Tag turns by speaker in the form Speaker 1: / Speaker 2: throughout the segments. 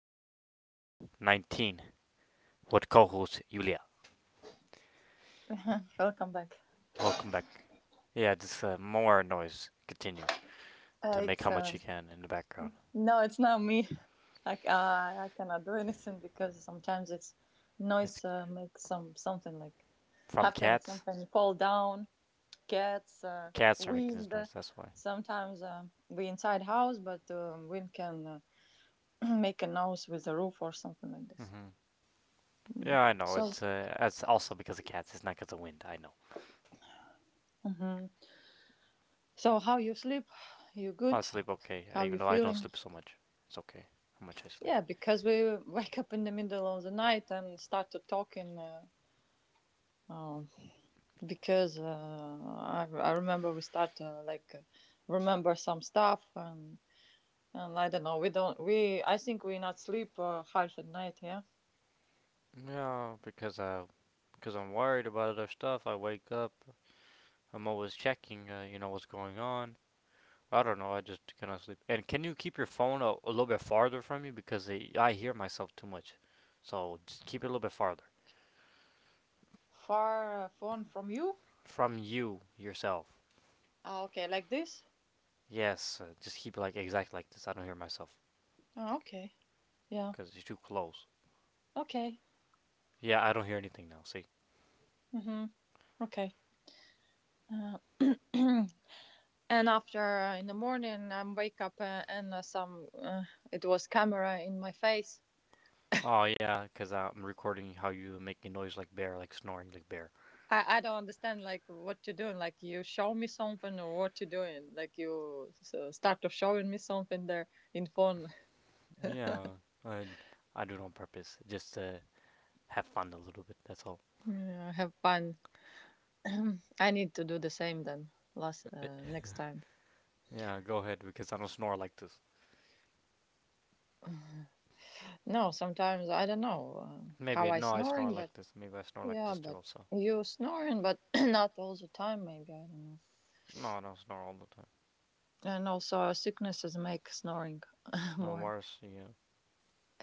Speaker 1: Podcast, episode 19, with co host Yulia.
Speaker 2: Welcome back.
Speaker 1: Welcome back. Yeah, just more noise. Continue to make
Speaker 2: It's
Speaker 1: how much you can in the background.
Speaker 2: no, it's not me. I, c- I cannot do anything because sometimes it's
Speaker 1: It's
Speaker 2: noise makes something like
Speaker 1: from
Speaker 2: happen,
Speaker 1: cats.
Speaker 2: something fall down, cats,
Speaker 1: Cats are making
Speaker 2: wind.
Speaker 1: this noise, that's why.
Speaker 2: Sometimes we inside house, but wind can make a noise with the roof or something like this.
Speaker 1: hmm
Speaker 2: Mm.
Speaker 1: Yeah, I know.
Speaker 2: So.
Speaker 1: It's also because of cats, it's not because of wind, I know.
Speaker 2: Hmm. So how you sleep? You
Speaker 1: I
Speaker 2: good?
Speaker 1: sleep okay,
Speaker 2: How
Speaker 1: even
Speaker 2: you
Speaker 1: though I don't
Speaker 2: feeling?
Speaker 1: sleep so much. It's okay how much I sleep.
Speaker 2: Yeah, because we wake up in the middle of the night and start to talking. Um, because I remember we start like remember some stuff and I don't know we don't we I think we not sleep half at night, yeah.
Speaker 1: Yeah, because I. Because I'm worried about other stuff. I wake up, I'm always checking, what's going on. I don't know. I just cannot sleep. And can you keep your phone a little bit farther from you because I hear myself too much. So just keep it a little bit farther
Speaker 2: Far phone from you.
Speaker 1: from you yourself.
Speaker 2: Ah, okay, like this.
Speaker 1: Yes, just keep it like exact like this. I don't hear myself
Speaker 2: Ah, okay, yeah,
Speaker 1: because it's too close.
Speaker 2: okay,
Speaker 1: Yeah, I don't hear anything now. See?
Speaker 2: mm-hmm, okay. uh, and after in the morning I wake up and some it was camera in my face.
Speaker 1: Oh yeah, because I'm recording how you making noise like bear, like snoring like bear.
Speaker 2: I don't understand like what you're doing. Like you show me something or what you're doing. Like you so start of showing me something there in phone.
Speaker 1: Yeah, I I do it on purpose just to have fun a little bit. That's all.
Speaker 2: Yeah, have fun. I need to do the same then. Last Next time.
Speaker 1: Yeah, go ahead because I don't snore like this.
Speaker 2: No, sometimes I don't know
Speaker 1: Maybe
Speaker 2: how
Speaker 1: I
Speaker 2: I
Speaker 1: no, I snore
Speaker 2: snoring,
Speaker 1: like
Speaker 2: but
Speaker 1: this. Maybe I snore like
Speaker 2: yeah,
Speaker 1: this too.
Speaker 2: but
Speaker 1: Also,
Speaker 2: you snoring, but not all the time. Maybe I don't know.
Speaker 1: no, I don't snore all the time.
Speaker 2: And also sicknesses make snoring
Speaker 1: No,
Speaker 2: more.
Speaker 1: worse, yeah,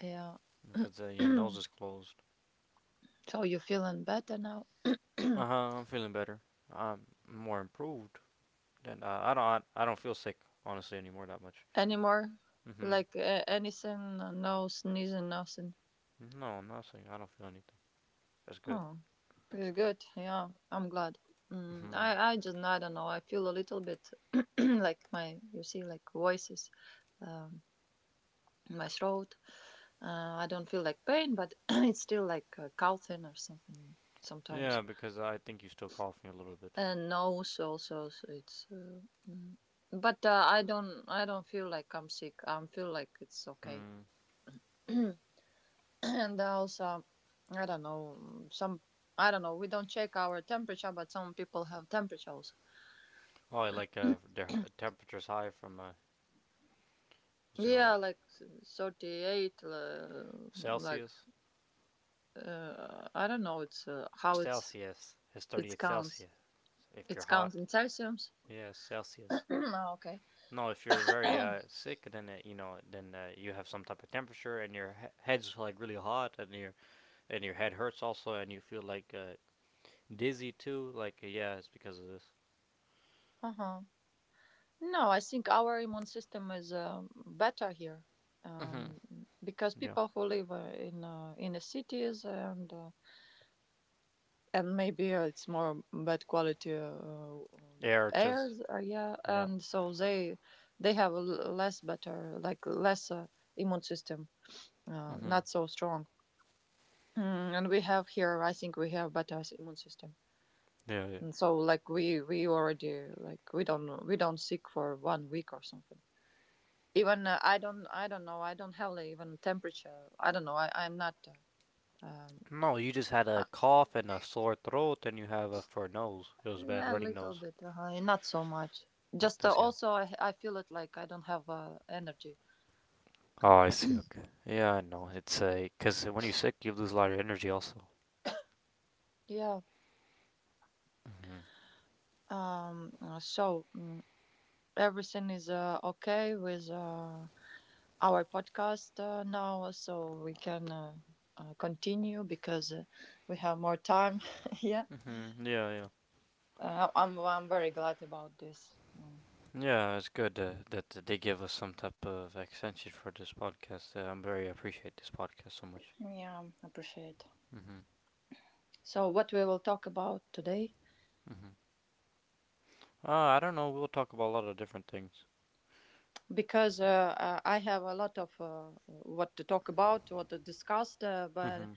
Speaker 2: Yeah.
Speaker 1: because your
Speaker 2: So
Speaker 1: nose is closed.
Speaker 2: you feeling better now?
Speaker 1: Uh huh. I'm feeling better. I'm more improved. Then I don't. I don't feel sick honestly anymore that much.
Speaker 2: Anymore?
Speaker 1: Mm-hmm.
Speaker 2: Like anything? No sneezing, nothing.
Speaker 1: No, I'm not sick. I don't feel anything. That's good.
Speaker 2: Oh, pretty good. Yeah, I'm glad. Mm,
Speaker 1: hmm
Speaker 2: I just I don't know. I feel a little bit like my, you see, like voices, um, in my throat. I don't feel like pain, but it's still like coughing or something sometimes.
Speaker 1: Yeah, because I think you still cough me a little bit.
Speaker 2: And nose also. So it's. Mm, but I don't feel like I'm sick. I feel like it's okay.
Speaker 1: Hmm.
Speaker 2: And also i don't know some I don't know we don't check our temperature, but some people have temperatures,
Speaker 1: Oh, like their temperature's high from what's it called?
Speaker 2: yeah, like 38, like
Speaker 1: Celsius.
Speaker 2: I don't know, it's how it's,
Speaker 1: Celsius is
Speaker 2: it
Speaker 1: 38
Speaker 2: counts.
Speaker 1: Celsius. If
Speaker 2: It
Speaker 1: you're
Speaker 2: counts
Speaker 1: hot,
Speaker 2: in Celsius.
Speaker 1: yeah, Celsius.
Speaker 2: No, okay.
Speaker 1: No, if you're very sick, then you have some type of temperature, and your head's like really hot, and your head hurts also, and you feel like dizzy too. Like yeah, it's because of this.
Speaker 2: Uh-huh. No, I think our immune system is better here.
Speaker 1: Mhm.
Speaker 2: um because
Speaker 1: Yeah.
Speaker 2: people who live in the cities, and maybe it's more bad quality
Speaker 1: Air too.
Speaker 2: air, yeah,
Speaker 1: Yeah.
Speaker 2: and so they have less better, like less immune system,
Speaker 1: Mhm.
Speaker 2: not so strong. Mm, and we have here, I think we have better immune system.
Speaker 1: Yeah, yeah.
Speaker 2: And so like we already like we don't sick for one week or something. Even I don't know, I don't have like, even temperature, I don't know, I'm not uh, um
Speaker 1: No, you just had a cough and a sore throat, and you have a for nose. It was a bad
Speaker 2: Yeah, a
Speaker 1: running
Speaker 2: little
Speaker 1: nose,
Speaker 2: bit, not so much.
Speaker 1: like
Speaker 2: Just
Speaker 1: this. Yeah.
Speaker 2: also, I feel it like I don't have energy.
Speaker 1: Oh, I see. Okay. Yeah, I know. It's a because when you're sick, you lose a lot of energy also.
Speaker 2: Yeah.
Speaker 1: Mm-hmm.
Speaker 2: So, everything is okay with our podcast now, so we can continue because we have more time. Yeah.
Speaker 1: Mm-hmm. Yeah, yeah.
Speaker 2: I'm very glad about this.
Speaker 1: Yeah, it's good that they give us some type of extension for this podcast. I'm very appreciate this podcast so much.
Speaker 2: Yeah, appreciate.
Speaker 1: Mm-hmm.
Speaker 2: So, what we will talk about today?
Speaker 1: Mm-hmm. I don't know. We'll talk about a lot of different things.
Speaker 2: Because I have a lot of what to talk about, what to discuss. But
Speaker 1: Mm-hmm.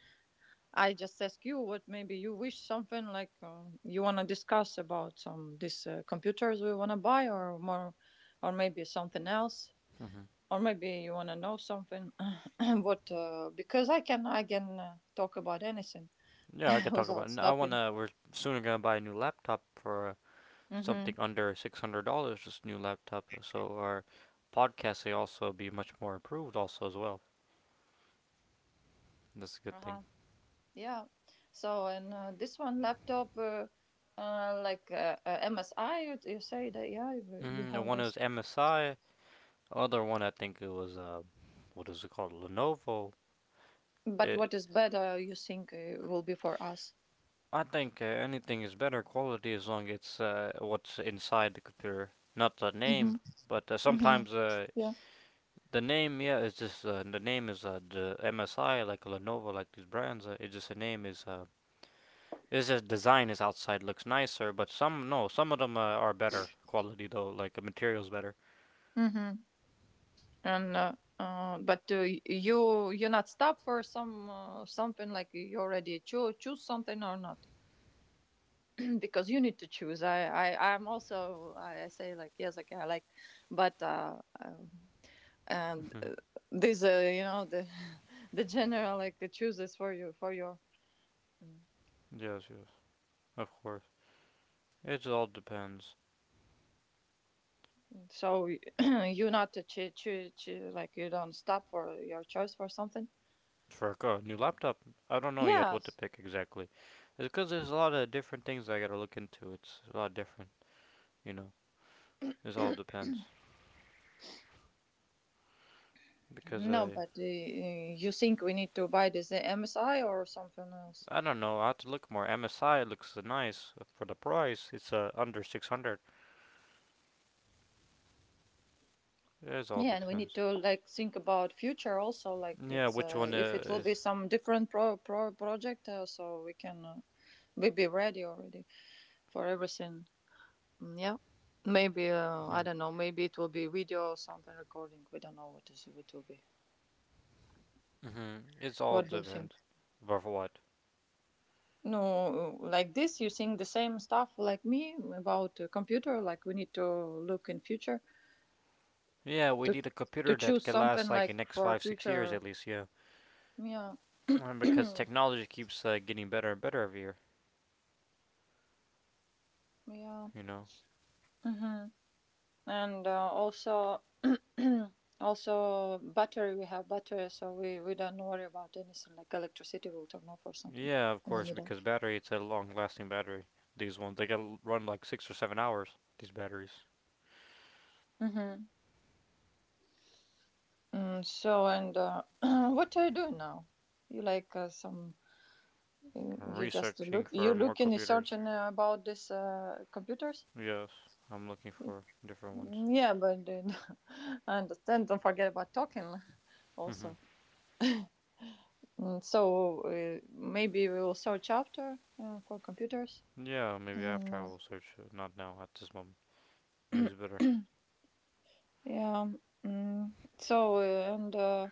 Speaker 2: I just ask you what maybe you wish something like you want to discuss about some these computers we want to buy, or more, or maybe something else,
Speaker 1: Mm-hmm.
Speaker 2: or maybe you want to know something. What because I can talk about anything
Speaker 1: Yeah, I could talk about. I
Speaker 2: without
Speaker 1: want I
Speaker 2: stopping.
Speaker 1: wanna. We're soon gonna buy a new laptop for
Speaker 2: Mm-hmm.
Speaker 1: something under $600. This new laptop, so our podcast will also be much more improved, also as well. That's a good thing.
Speaker 2: Yeah. So and this one laptop, MSI, you say that, yeah, you
Speaker 1: Mm, the
Speaker 2: have
Speaker 1: one
Speaker 2: this.
Speaker 1: is MSI. Other one, I think it was what is it called? Lenovo.
Speaker 2: But
Speaker 1: It,
Speaker 2: what is better, you think will be for us?
Speaker 1: I think anything is better quality as long as it's what's inside the computer, not the
Speaker 2: Mm-hmm.
Speaker 1: name. But
Speaker 2: Mm-hmm.
Speaker 1: sometimes
Speaker 2: Yeah.
Speaker 1: the name, yeah, it's just the name is the MSI, like Lenovo, like these brands. It's just the name is. It's just design is outside looks nicer, but some no, some of them are better quality though, like the materials better.
Speaker 2: Mm-hmm. And but you you not stop for some something, like you already choose something or not. Because you need to choose. I'm also, I say like, yes, okay, I like, but and this you know, the the general like chooses for you for your. Mm.
Speaker 1: yes, yes, of course. It all depends.
Speaker 2: So you not like you don't stop for your choice for something.
Speaker 1: For a new laptop, I don't know yet what to
Speaker 2: Yes.
Speaker 1: pick exactly. It's because there's a lot of different things I gotta look into. It's a lot different, you know. It all depends. Because
Speaker 2: No,
Speaker 1: I,
Speaker 2: but you think we need to buy this msi or something else?
Speaker 1: I don't know. I have to look more. MSI looks nice for the price. It's under 600. It all
Speaker 2: Yeah, and we need
Speaker 1: depends.
Speaker 2: to like think about future also. Like
Speaker 1: Yeah,
Speaker 2: it's
Speaker 1: which one
Speaker 2: if it will
Speaker 1: is?
Speaker 2: be some different pro project, so we can we be ready already for everything. Mm, yeah, maybe I
Speaker 1: Mm-hmm.
Speaker 2: don't know. Maybe it will be video or something recording. We don't know what is it will be.
Speaker 1: It's all
Speaker 2: What do you think?
Speaker 1: depends. But for what?
Speaker 2: No, like this, you think the same stuff like me about computer. Like we need to look in future,
Speaker 1: Yeah, we
Speaker 2: to
Speaker 1: need a
Speaker 2: to
Speaker 1: computer that
Speaker 2: choose
Speaker 1: can last
Speaker 2: something
Speaker 1: like the
Speaker 2: like
Speaker 1: next
Speaker 2: for
Speaker 1: five, 6 years
Speaker 2: future.
Speaker 1: at least. Yeah,
Speaker 2: Yeah,
Speaker 1: Because technology keeps getting better and better every year.
Speaker 2: yeah.
Speaker 1: You know?
Speaker 2: Hmm. And also. Also, battery. We have battery, so we don't worry about anything like electricity will turn off or something
Speaker 1: Yeah, of
Speaker 2: in the
Speaker 1: course,
Speaker 2: middle.
Speaker 1: because battery, it's a long lasting battery. These ones, they gotta run like 6 or 7 hours, these batteries.
Speaker 2: Hmm. Mm, so and what are you doing now? You like some?
Speaker 1: I'm
Speaker 2: You just
Speaker 1: researching
Speaker 2: look.
Speaker 1: for
Speaker 2: You
Speaker 1: more
Speaker 2: look in the
Speaker 1: computers.
Speaker 2: search and about this computers.
Speaker 1: Yes, I'm looking
Speaker 2: Mm,
Speaker 1: for different ones.
Speaker 2: yeah, but I understand. Don't forget about talking
Speaker 1: hmm
Speaker 2: also. Mm, so maybe we will search after for computers.
Speaker 1: Yeah, maybe
Speaker 2: And,
Speaker 1: after I will search, not now, at this moment. Maybe it's better.
Speaker 2: yeah. Mm, so and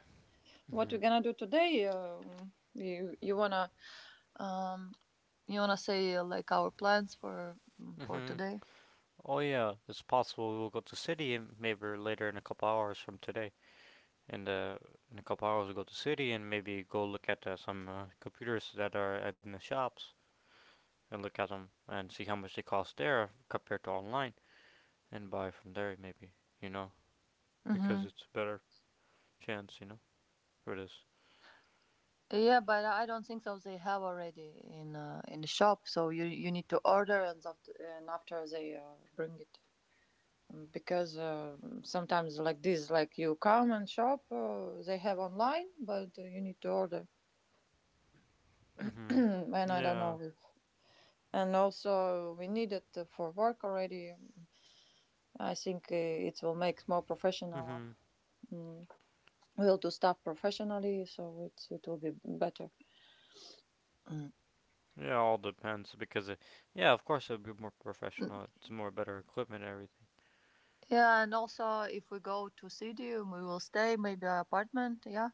Speaker 2: what
Speaker 1: hmm
Speaker 2: we gonna do today? You um you wanna say like our plans for, for
Speaker 1: hmm
Speaker 2: today?
Speaker 1: Oh, yeah, it's possible we'll go to city and maybe later in a couple hours from today. And, in a couple hours, we'll go to city and maybe go look at some computers that are in the shops and look at them and see how much they cost there compared to online and buy from there maybe, you know, because
Speaker 2: Mhm.
Speaker 1: it's a better chance, you know, for this.
Speaker 2: Yeah, but I don't think so. They have already in the shop, so you need to order and after, and after they bring it. Because sometimes like this, like you come and shop, they have online, but you need to order.
Speaker 1: Mhm.
Speaker 2: And I don't know.
Speaker 1: Yeah.
Speaker 2: And also, we need it for work already. I think it will make more professional.
Speaker 1: Mhm.
Speaker 2: Mm. We'll do stuff professionally, so it's it will be better. Mm.
Speaker 1: Yeah, all depends because yeah, of course it'll be more professional. It's more better equipment and everything.
Speaker 2: Yeah, and also if we go to city, we will stay maybe an apartment. Yeah,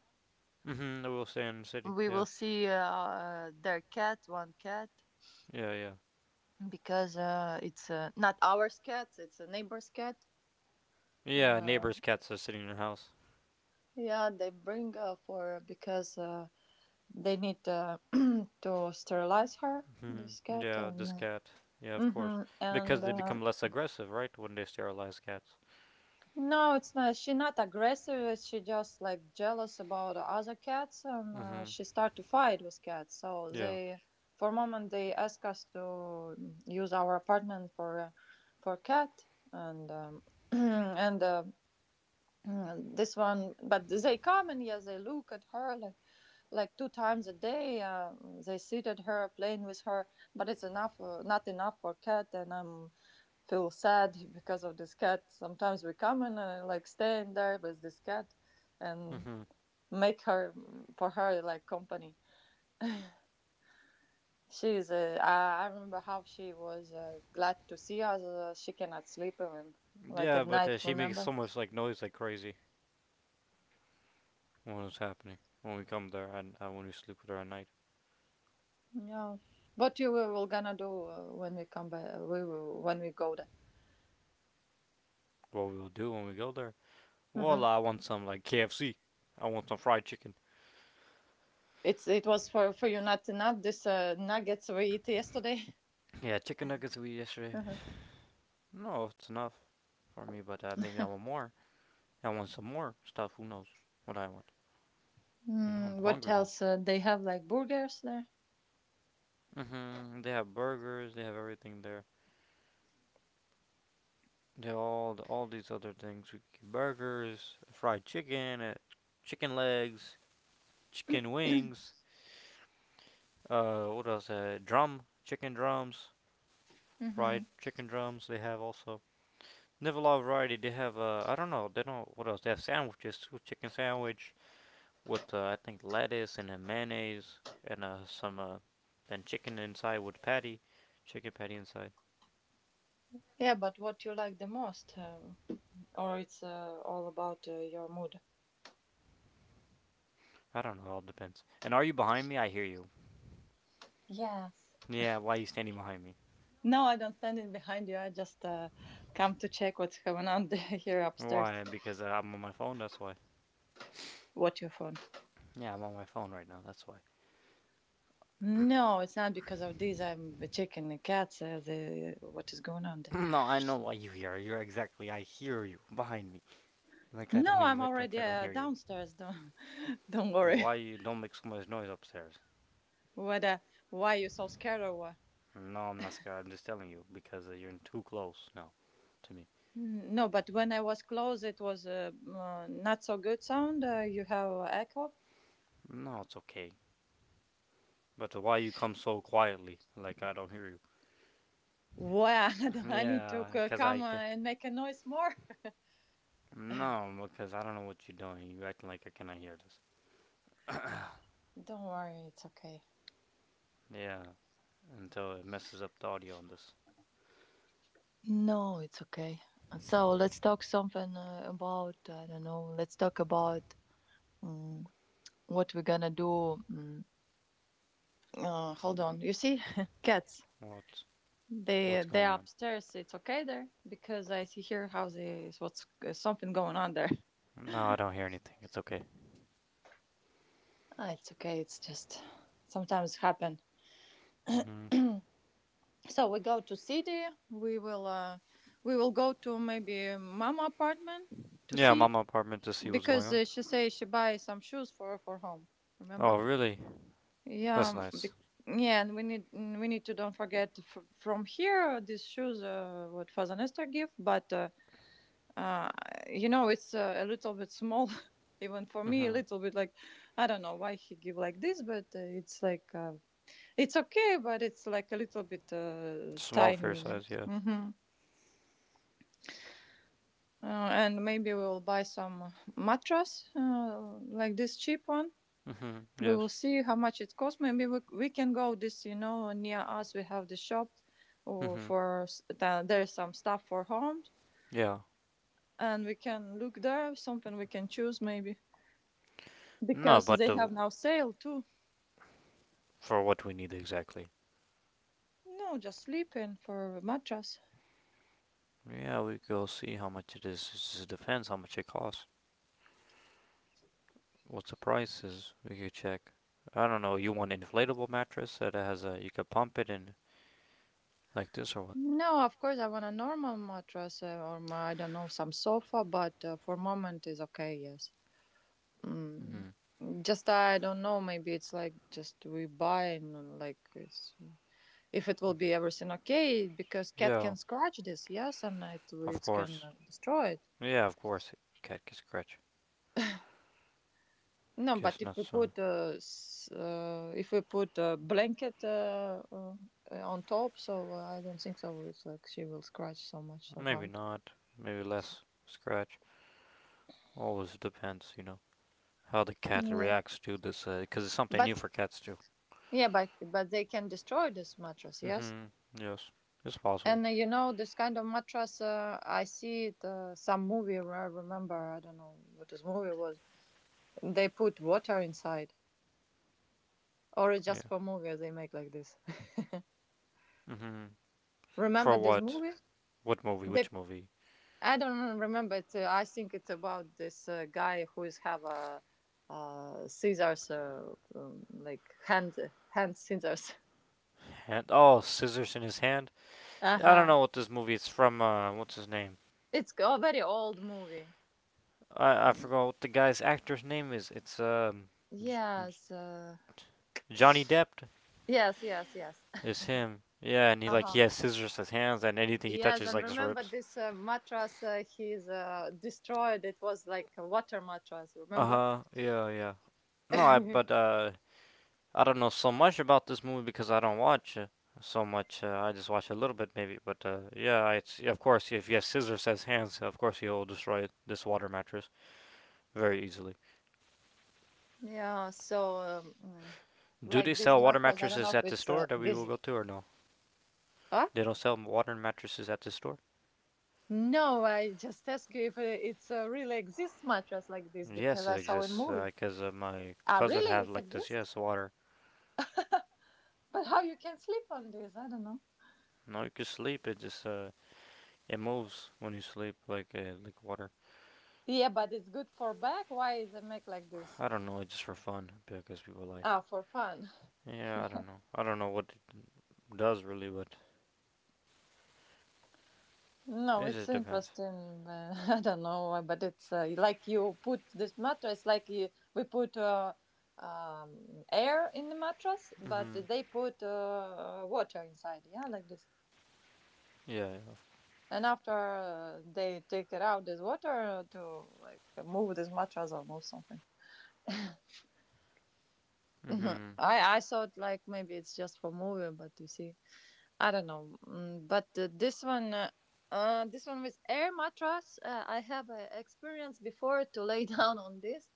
Speaker 1: Mhm. It will stay in the city.
Speaker 2: we
Speaker 1: Yeah.
Speaker 2: will see their cat, one cat,
Speaker 1: Yeah, yeah.
Speaker 2: because it's not ours cat, it's a neighbor's cat.
Speaker 1: Yeah,
Speaker 2: Uh,
Speaker 1: neighbors' cats are sitting in the house.
Speaker 2: yeah, they bring for because they need to sterilize her,
Speaker 1: Mhm.
Speaker 2: this cat,
Speaker 1: Yeah,
Speaker 2: and
Speaker 1: this cat. Yeah, of course.
Speaker 2: mm-hmm,
Speaker 1: Because
Speaker 2: and
Speaker 1: they
Speaker 2: uh.
Speaker 1: become less aggressive, right, when they sterilize cats.
Speaker 2: No, it's not. She not aggressive. She just like jealous about other cats, and
Speaker 1: Mhm.
Speaker 2: she start to fight with cats. So
Speaker 1: Yeah.
Speaker 2: they, for a moment, they ask us to, use our apartment for cat, and and uh. Mm, this one, but they come and, yeah, they look at her like 2 times a day, they sit at her playing with her, but it's enough, not enough for cat, and I'm feel sad because of this cat. Sometimes we come and like staying there with this cat and
Speaker 1: Mhm.
Speaker 2: make her, for her like company. She's I remember how she was glad to see us, she cannot sleep even, like,
Speaker 1: Yeah,
Speaker 2: at
Speaker 1: but
Speaker 2: night,
Speaker 1: she makes
Speaker 2: remember?
Speaker 1: so much like noise like crazy when it's happening. When we come there and when we sleep with her at night,
Speaker 2: Yeah, what you were will gonna do when we come back? We will, when we go there.
Speaker 1: what we will do when we go there? Well,
Speaker 2: Hmm.
Speaker 1: I want some like KFC. I want some fried chicken.
Speaker 2: It's, it was for you not enough. This nuggets we eat yesterday.
Speaker 1: Yeah, chicken nuggets we eat yesterday.
Speaker 2: Mhm.
Speaker 1: No, it's enough for me, but maybe I want more. I want some more stuff. Who knows what I want? You know, I'm
Speaker 2: Mm, what
Speaker 1: hungry, bro.
Speaker 2: else? They have like burgers there.
Speaker 1: Mhm. They have burgers. They have everything there. They all these other things. We can get burgers, fried chicken, chicken legs, chicken wings. What else? Chicken drums,
Speaker 2: Hmm.
Speaker 1: fried chicken drums. They have also. Never a lot of variety. They have I don't know. They don't. What else? They have sandwiches too. Chicken sandwich with I think lettuce and a mayonnaise and some then chicken inside with patty, chicken patty inside.
Speaker 2: Yeah, but what you like the most, or it's all about your mood.
Speaker 1: I don't know. It all depends. And are you behind me? I hear you.
Speaker 2: Yes.
Speaker 1: Yeah. Why are you standing behind me?
Speaker 2: No, I don't stand in behind you. I just come to check what's going on here upstairs.
Speaker 1: Why? Because I'm on my phone. That's why.
Speaker 2: What you found?
Speaker 1: Yeah, I'm on my phone right now. That's why.
Speaker 2: No, it's not because of this. I'm checking the cats. The what is going on there?
Speaker 1: No, I know why you hear. You're exactly. I hear you behind me. Like I
Speaker 2: No,
Speaker 1: don't you
Speaker 2: I'm
Speaker 1: act like
Speaker 2: already
Speaker 1: I don't hear you.
Speaker 2: downstairs. Don't don't worry.
Speaker 1: Why you don't make so much noise upstairs?
Speaker 2: What? Why you so scared or what?
Speaker 1: No, I'm not scared. I'm just telling you because you're too close now to me.
Speaker 2: No, but when I was close, it was not so good sound. You have echo.
Speaker 1: No, it's okay. But why you come so quietly? Like I don't hear you.
Speaker 2: Wow, I need to
Speaker 1: Yeah, because
Speaker 2: come
Speaker 1: I.
Speaker 2: and make a noise more.
Speaker 1: No, because I don't know what you're doing. You acting like I cannot hear this.
Speaker 2: Don't worry, it's okay.
Speaker 1: Yeah, until it messes up the audio on this.
Speaker 2: No, it's okay. So let's talk something about, I don't know. Let's talk about um, what we're gonna do. Hold on. You see, cats.
Speaker 1: What? What's
Speaker 2: They
Speaker 1: going
Speaker 2: upstairs. It's okay there because I see here how they what's something going on there.
Speaker 1: on? No, I don't hear anything. It's okay.
Speaker 2: Ah, it's okay. It's just sometimes happen.
Speaker 1: hmm
Speaker 2: So we go to city. We will uh, we will go to maybe mama apartment to
Speaker 1: Yeah, I'm on
Speaker 2: see
Speaker 1: my apartment to see what's going
Speaker 2: because
Speaker 1: on.
Speaker 2: she say she buy some shoes for home.
Speaker 1: Oh,
Speaker 2: Remember?
Speaker 1: really?
Speaker 2: Yeah.
Speaker 1: That's
Speaker 2: um,
Speaker 1: nice.
Speaker 2: Be- yeah, and we need, we need to don't forget from here, these shoes what Father Nestor give, but uh, it's a little bit small, even for me a
Speaker 1: hmm
Speaker 2: little bit like. I don't know why he give like this, but it's like, it's okay, but it's like a little bit
Speaker 1: Small
Speaker 2: tiny,
Speaker 1: fair
Speaker 2: you know?
Speaker 1: size, yeah.
Speaker 2: hmm and maybe we'll buy some mattress, like this cheap one.
Speaker 1: Mm-hmm.
Speaker 2: We
Speaker 1: Yes.
Speaker 2: will see how much it costs. Maybe we can go this, near us we have the shop, or
Speaker 1: Mm-hmm.
Speaker 2: for there's some stuff for home.
Speaker 1: Yeah.
Speaker 2: And we can look there something we can choose maybe,
Speaker 1: No,
Speaker 2: because
Speaker 1: but
Speaker 2: they
Speaker 1: the,
Speaker 2: have now sale too.
Speaker 1: for what we need exactly.
Speaker 2: No, just sleeping for a mattress.
Speaker 1: Yeah, we go see how much it is. It just depends how much it costs. What the price is. We could check. I don't know. You want an inflatable mattress that has a you could pump it in like this or what?
Speaker 2: No, of course I want a normal mattress, or I don't know, some sofa, but for moment is okay. Yes. Mm.
Speaker 1: Mm-hmm.
Speaker 2: Just I don't know. Maybe it's like just we buy and like it's, if it will be everything okay, because cat
Speaker 1: Yeah,
Speaker 2: can scratch this, yes, and it
Speaker 1: of
Speaker 2: it can
Speaker 1: course.
Speaker 2: destroy it.
Speaker 1: Yeah, of course. Cat can scratch.
Speaker 2: No, but
Speaker 1: Guess not so.
Speaker 2: if we put a blanket on top, so I don't think so. It's like she will scratch so much, so
Speaker 1: Maybe
Speaker 2: hard.
Speaker 1: not. Maybe less scratch. Always depends, you know, how the cat
Speaker 2: Yeah,
Speaker 1: reacts to this because it's something
Speaker 2: but
Speaker 1: new for cats too.
Speaker 2: but they can destroy this mattress, yes.
Speaker 1: Mm-hmm. Yes, it's possible.
Speaker 2: And you know this kind of mattress, I see it some movie where I remember. I don't know what this movie was. They put water inside, or it's just
Speaker 1: Yeah.
Speaker 2: for movie they make like this.
Speaker 1: Mm-hmm. For
Speaker 2: Remember this
Speaker 1: what?
Speaker 2: movie?
Speaker 1: What movie?
Speaker 2: They
Speaker 1: Which movie?
Speaker 2: I don't remember it. I think it's about this guy who is have a scissors, like hand scissors.
Speaker 1: Hand. Oh, scissors in his hand.
Speaker 2: Uh
Speaker 1: Yeah, I don't
Speaker 2: huh.
Speaker 1: know what this movie. It's from what's his name?
Speaker 2: It's a very old movie.
Speaker 1: I
Speaker 2: Mm.
Speaker 1: forgot what the guy's actor's name is. It's J-
Speaker 2: Yes. Uh,
Speaker 1: J- Johnny Depp.
Speaker 2: yes. Yes. Yes.
Speaker 1: Is him. Yeah, and
Speaker 2: Uh
Speaker 1: he
Speaker 2: huh.
Speaker 1: has scissors in his hands, and anything he
Speaker 2: Yes,
Speaker 1: touches
Speaker 2: and
Speaker 1: like just
Speaker 2: remember
Speaker 1: rips.
Speaker 2: this mattress he's destroyed. It was like a water mattress.
Speaker 1: Uh
Speaker 2: Remember?
Speaker 1: huh. Yeah, yeah. No, I but I don't know so much about this movie because I don't watch so much. I just watch a little bit, maybe. But yeah, it's yeah, of course if you have scissors as hands, of course you'll destroy this water mattress very easily.
Speaker 2: Yeah. So,
Speaker 1: Do they
Speaker 2: like this
Speaker 1: sell water
Speaker 2: mattress, I don't know
Speaker 1: mattresses
Speaker 2: if
Speaker 1: at the
Speaker 2: it's
Speaker 1: store that we will
Speaker 2: this.
Speaker 1: go to, or no?
Speaker 2: Huh?
Speaker 1: They don't sell water mattresses at the store.
Speaker 2: No, I just ask you if it's really exists mattress like this because
Speaker 1: Yes, it
Speaker 2: I saw in
Speaker 1: exists
Speaker 2: movie.
Speaker 1: because my
Speaker 2: Ah,
Speaker 1: cousin
Speaker 2: really,
Speaker 1: have
Speaker 2: it
Speaker 1: like this.
Speaker 2: exists?
Speaker 1: Yes, water.
Speaker 2: But how you can sleep on this? I don't know.
Speaker 1: No, you can sleep. It just it moves when you sleep, like water.
Speaker 2: Yeah, but it's good for back. Why is it make like this?
Speaker 1: I don't know. It's just for fun because people like.
Speaker 2: Ah, for fun.
Speaker 1: Yeah, I don't know. I don't know what does really, but
Speaker 2: No,
Speaker 1: it
Speaker 2: it's
Speaker 1: just depends.
Speaker 2: interesting. But I don't know, but it's like you put this mattress like you, we put air in the mattress, but
Speaker 1: Mhm.
Speaker 2: they put water inside. Yeah, like this.
Speaker 1: Yeah. yeah.
Speaker 2: And after they take it out this water to like move this mattress or move something. Mhm.
Speaker 1: Mhm.
Speaker 2: I thought like maybe it's just for moving, but you see, I don't know. But this one with air mattress, I have experience before to lay down on this,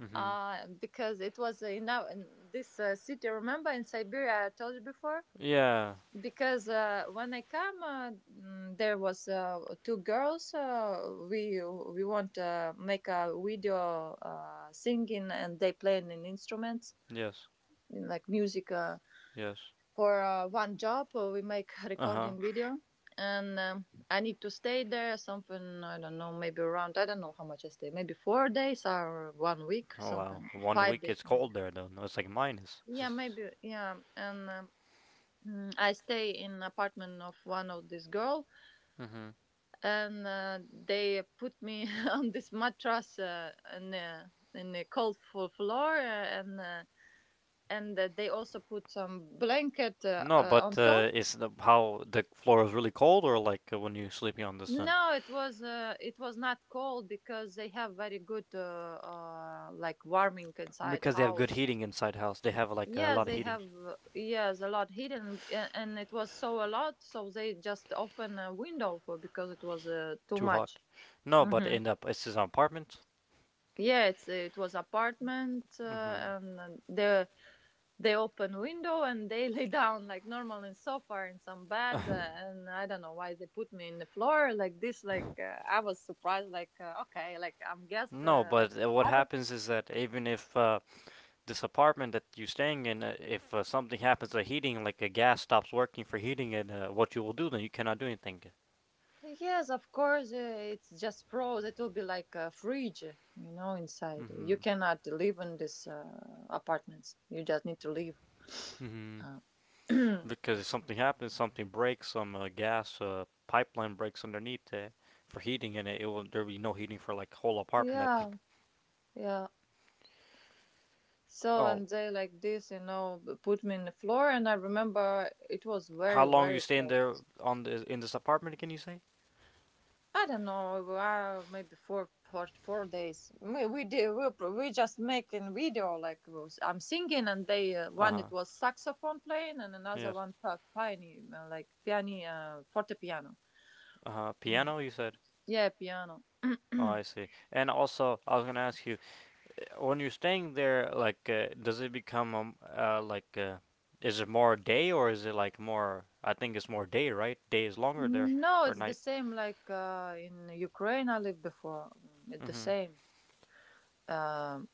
Speaker 1: Mhm.
Speaker 2: because it was, now in this city. Remember in Siberia, I told you before,
Speaker 1: Yeah.
Speaker 2: because when I come, there was two girls. We want to make a video singing, and they playing an instruments
Speaker 1: Yes.
Speaker 2: in like music. Uh,
Speaker 1: Yes.
Speaker 2: for uh, one job, we make a
Speaker 1: Uh huh.
Speaker 2: recording video, and I need to stay there. Something I don't know, maybe around I don't know how much I stay. Maybe 4 days or one week,
Speaker 1: Oh wow.
Speaker 2: something
Speaker 1: One
Speaker 2: five
Speaker 1: week
Speaker 2: days
Speaker 1: it's
Speaker 2: maybe.
Speaker 1: cold there though. No, it's like minus.
Speaker 2: Yeah, maybe yeah, and. I stay in apartment of one of these girls,
Speaker 1: Mhm.
Speaker 2: and they put me on this mattress in a cold floor, and they also put some blanket
Speaker 1: No,
Speaker 2: on
Speaker 1: but
Speaker 2: top.
Speaker 1: how the floor is really cold, or like when you're sleeping on the sun?
Speaker 2: No, it was not cold because they have very good like warming inside the
Speaker 1: Because they have good
Speaker 2: house.
Speaker 1: heating inside house. They have like a
Speaker 2: Yeah,
Speaker 1: lot of
Speaker 2: they
Speaker 1: heating.
Speaker 2: have, yes, a lot hidden, and it was so a lot, so they just open a window for because it was too
Speaker 1: Too hot.
Speaker 2: much.
Speaker 1: No, but
Speaker 2: Hmm.
Speaker 1: in the it's an apartment.
Speaker 2: Yeah, it was apartment, uh,
Speaker 1: Mhm.
Speaker 2: and uh, the they open window and they lay down like normal in sofa in some bed, and I don't know why they put me in the floor like this, like I was surprised like, okay, like I'm guest,
Speaker 1: No, but
Speaker 2: like
Speaker 1: what
Speaker 2: I was.
Speaker 1: happens is that even if this apartment that you're staying in, if something happens to heating, like a gas stops working for heating it, what you will do then? You cannot do anything.
Speaker 2: Yes, of course, it's just froze, it will be like a fridge, inside you
Speaker 1: Mm-hmm.
Speaker 2: cannot live in this apartments, you just need to leave,
Speaker 1: Mm-hmm.
Speaker 2: uh,
Speaker 1: Because if something happens, something breaks, some gas pipeline breaks underneath for heating, and it will there will be no heating for like whole apartment. I think.
Speaker 2: yeah, yeah. So
Speaker 1: Oh,
Speaker 2: and they like this, put me in the floor, and I remember it was
Speaker 1: how
Speaker 2: very
Speaker 1: long you
Speaker 2: very
Speaker 1: stay in
Speaker 2: cold.
Speaker 1: there on this in this apartment? Can you say?
Speaker 2: I don't know, maybe four days. We we just making video, like, I'm singing, and they,
Speaker 1: Uh
Speaker 2: one
Speaker 1: huh.
Speaker 2: it was saxophone playing, and another
Speaker 1: Yes.
Speaker 2: one, piano, like piano, fortepiano.
Speaker 1: Uh huh.
Speaker 2: Mm.
Speaker 1: Piano, you said.
Speaker 2: Yeah, piano.
Speaker 1: Oh, I see. And also, I was gonna ask you. When you're staying there, like, does it become like, is it more day or is it like more? I think it's more day, right? Day is longer there
Speaker 2: No,
Speaker 1: or
Speaker 2: it's the
Speaker 1: night.
Speaker 2: same like in Ukraine I lived before. It's the
Speaker 1: Mm-hmm.
Speaker 2: same. um,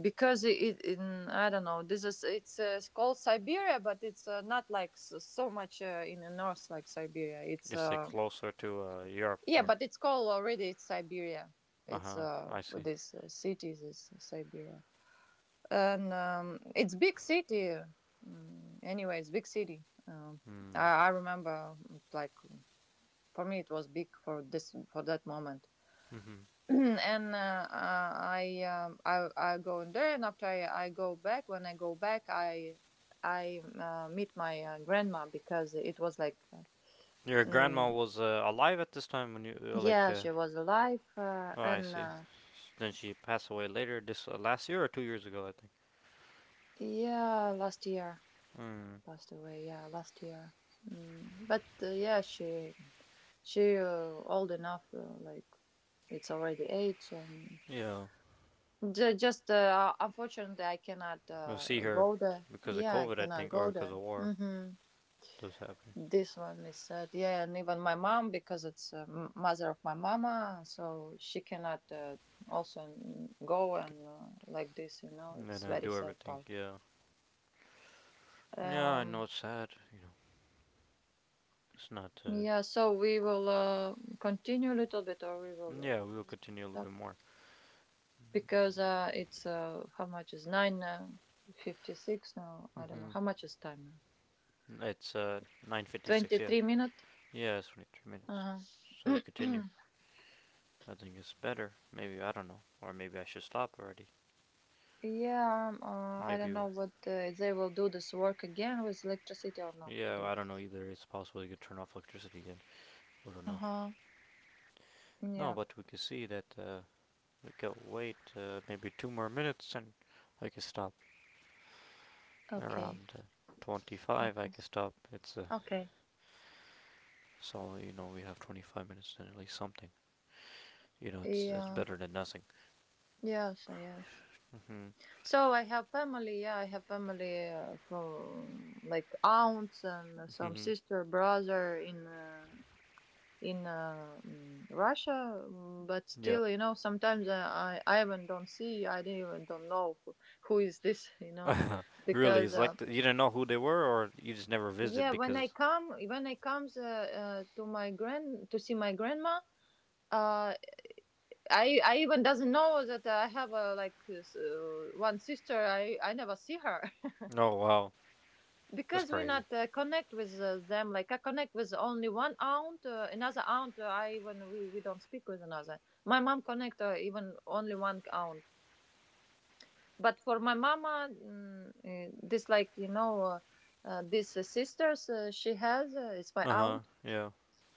Speaker 2: because it, in I don't know, it's called Siberia, but it's not like so, so much in the north like Siberia. It's
Speaker 1: Guess they closer to Europe
Speaker 2: yeah,
Speaker 1: more.
Speaker 2: but it's called already it's Siberia.
Speaker 1: Uh
Speaker 2: It's
Speaker 1: huh. I see.
Speaker 2: This city is Siberia, and it's big city. Anyway, it's big city.
Speaker 1: Mm.
Speaker 2: I remember, like, for me it was big for this, for that moment.
Speaker 1: Mm-hmm.
Speaker 2: And I go in there, and after I go back, when I go back, I meet my grandma because it was like,
Speaker 1: Your grandma
Speaker 2: mm,
Speaker 1: was alive at this time when you
Speaker 2: yeah, she was alive,
Speaker 1: Oh, I
Speaker 2: and
Speaker 1: see. Then she passed away later this last year or 2 years ago, I think.
Speaker 2: yeah, last year
Speaker 1: Mm.
Speaker 2: passed away. Yeah, last year. But yeah, she old enough, like it's already age, and
Speaker 1: Yeah,
Speaker 2: Just unfortunately, I cannot
Speaker 1: I see her
Speaker 2: go there.
Speaker 1: because of
Speaker 2: Yeah, I
Speaker 1: COVID, I
Speaker 2: cannot
Speaker 1: think, or
Speaker 2: go
Speaker 1: because of
Speaker 2: there.
Speaker 1: war.
Speaker 2: Hmm.
Speaker 1: Those happening.
Speaker 2: This one is sad. Yeah, and even my mom, because it's mother of my mama, so she cannot also go, and like this.
Speaker 1: And then
Speaker 2: It's
Speaker 1: I
Speaker 2: very
Speaker 1: do
Speaker 2: sad
Speaker 1: everything.
Speaker 2: part.
Speaker 1: Yeah. Yeah, I
Speaker 2: Um,
Speaker 1: know it's sad. You know, it's not.
Speaker 2: yeah, so we will continue a little bit, or we will
Speaker 1: Yeah, we will continue a little bit
Speaker 2: stop
Speaker 1: more.
Speaker 2: because it's, how much is nine 56 now? I don't know
Speaker 1: Mm-hmm.
Speaker 2: how much is time now.
Speaker 1: It's 9:56. Yeah.
Speaker 2: 23 minutes.
Speaker 1: Yeah, it's 23 minutes. So we
Speaker 2: Uh-huh.
Speaker 1: continue. I think it's better. Maybe I don't know, or maybe I should stop already.
Speaker 2: Yeah, I don't
Speaker 1: Maybe.
Speaker 2: know what they will do this work again with electricity or not
Speaker 1: Yeah,
Speaker 2: today.
Speaker 1: I don't know either. It's possible you could turn off electricity again. I don't know.
Speaker 2: Uh-huh.
Speaker 1: No,
Speaker 2: Yeah.
Speaker 1: but we can see that we can wait maybe two more minutes and I can stop.
Speaker 2: Okay.
Speaker 1: Around 25 I
Speaker 2: Okay.
Speaker 1: can stop. It's a
Speaker 2: Okay.
Speaker 1: so you know we have 25 minutes and at least something. You know it's
Speaker 2: Yeah.
Speaker 1: better than nothing.
Speaker 2: Yes, yes.
Speaker 1: Mm-hmm.
Speaker 2: So I have family. Yeah, I have family from like aunts and some
Speaker 1: Mm-hmm.
Speaker 2: sister, brother in Russia. But
Speaker 1: Yep.
Speaker 2: still, sometimes I even don't see. I don't even don't know who is this. You know,
Speaker 1: Really,
Speaker 2: because.
Speaker 1: it's like
Speaker 2: Uh,
Speaker 1: th you didn't know who they were or you just never visit
Speaker 2: Yeah,
Speaker 1: because.
Speaker 2: when I comes to see my grandma, uh, I even doesn't know that I have a like one sister. I never see her
Speaker 1: Oh wow, that's
Speaker 2: because we
Speaker 1: crazy.
Speaker 2: not connect with them. Like I connect with only one aunt, another aunt. I When we don't speak with another. My mom connect even only one aunt. But for my mama, this like you know. These sisters she has, it's my
Speaker 1: Uh huh.
Speaker 2: aunt.
Speaker 1: Yeah.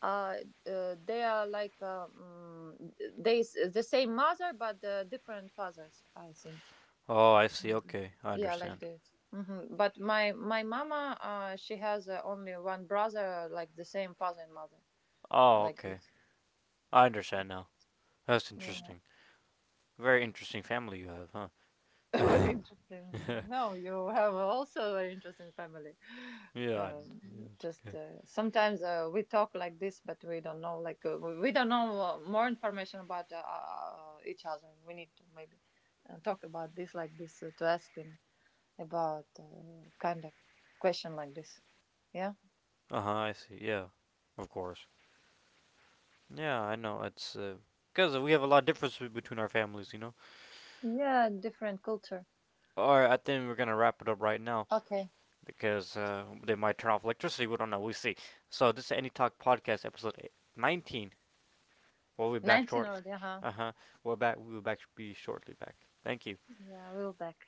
Speaker 2: uh, they are like, they, the same mother but different fathers, I think
Speaker 1: Oh, I see.
Speaker 2: maybe.
Speaker 1: Okay, I
Speaker 2: Yeah, like
Speaker 1: understand.
Speaker 2: this. But my mama, she has, only one brother, like the same father and mother.
Speaker 1: Oh,
Speaker 2: Like
Speaker 1: okay.
Speaker 2: this.
Speaker 1: I understand now. That's
Speaker 2: Yeah.
Speaker 1: interesting. Very interesting family you have,
Speaker 2: Very
Speaker 1: huh?
Speaker 2: interesting. No, you have also a very interesting family.
Speaker 1: yeah, I- yeah, it's
Speaker 2: Just
Speaker 1: okay.
Speaker 2: sometimes we talk like this, but we don't know. Like we don't know more information about each other. We need to maybe talk about this like this, to ask him about kind of question like this. Yeah.
Speaker 1: Uh huh. I see. Yeah. Of course. Yeah, I know. It's because we have a lot of differences between our families, you know.
Speaker 2: Yeah, different culture.
Speaker 1: All right. I think we're gonna wrap it up right now
Speaker 2: Okay.
Speaker 1: because they might turn off electricity. We don't know. We see. So this is Any Talk Podcast episode 19. We'll be back
Speaker 2: 19
Speaker 1: shortly.
Speaker 2: already, huh?
Speaker 1: Uh huh. We're back. We'll back be shortly back. Thank you.
Speaker 2: Yeah, we'll back.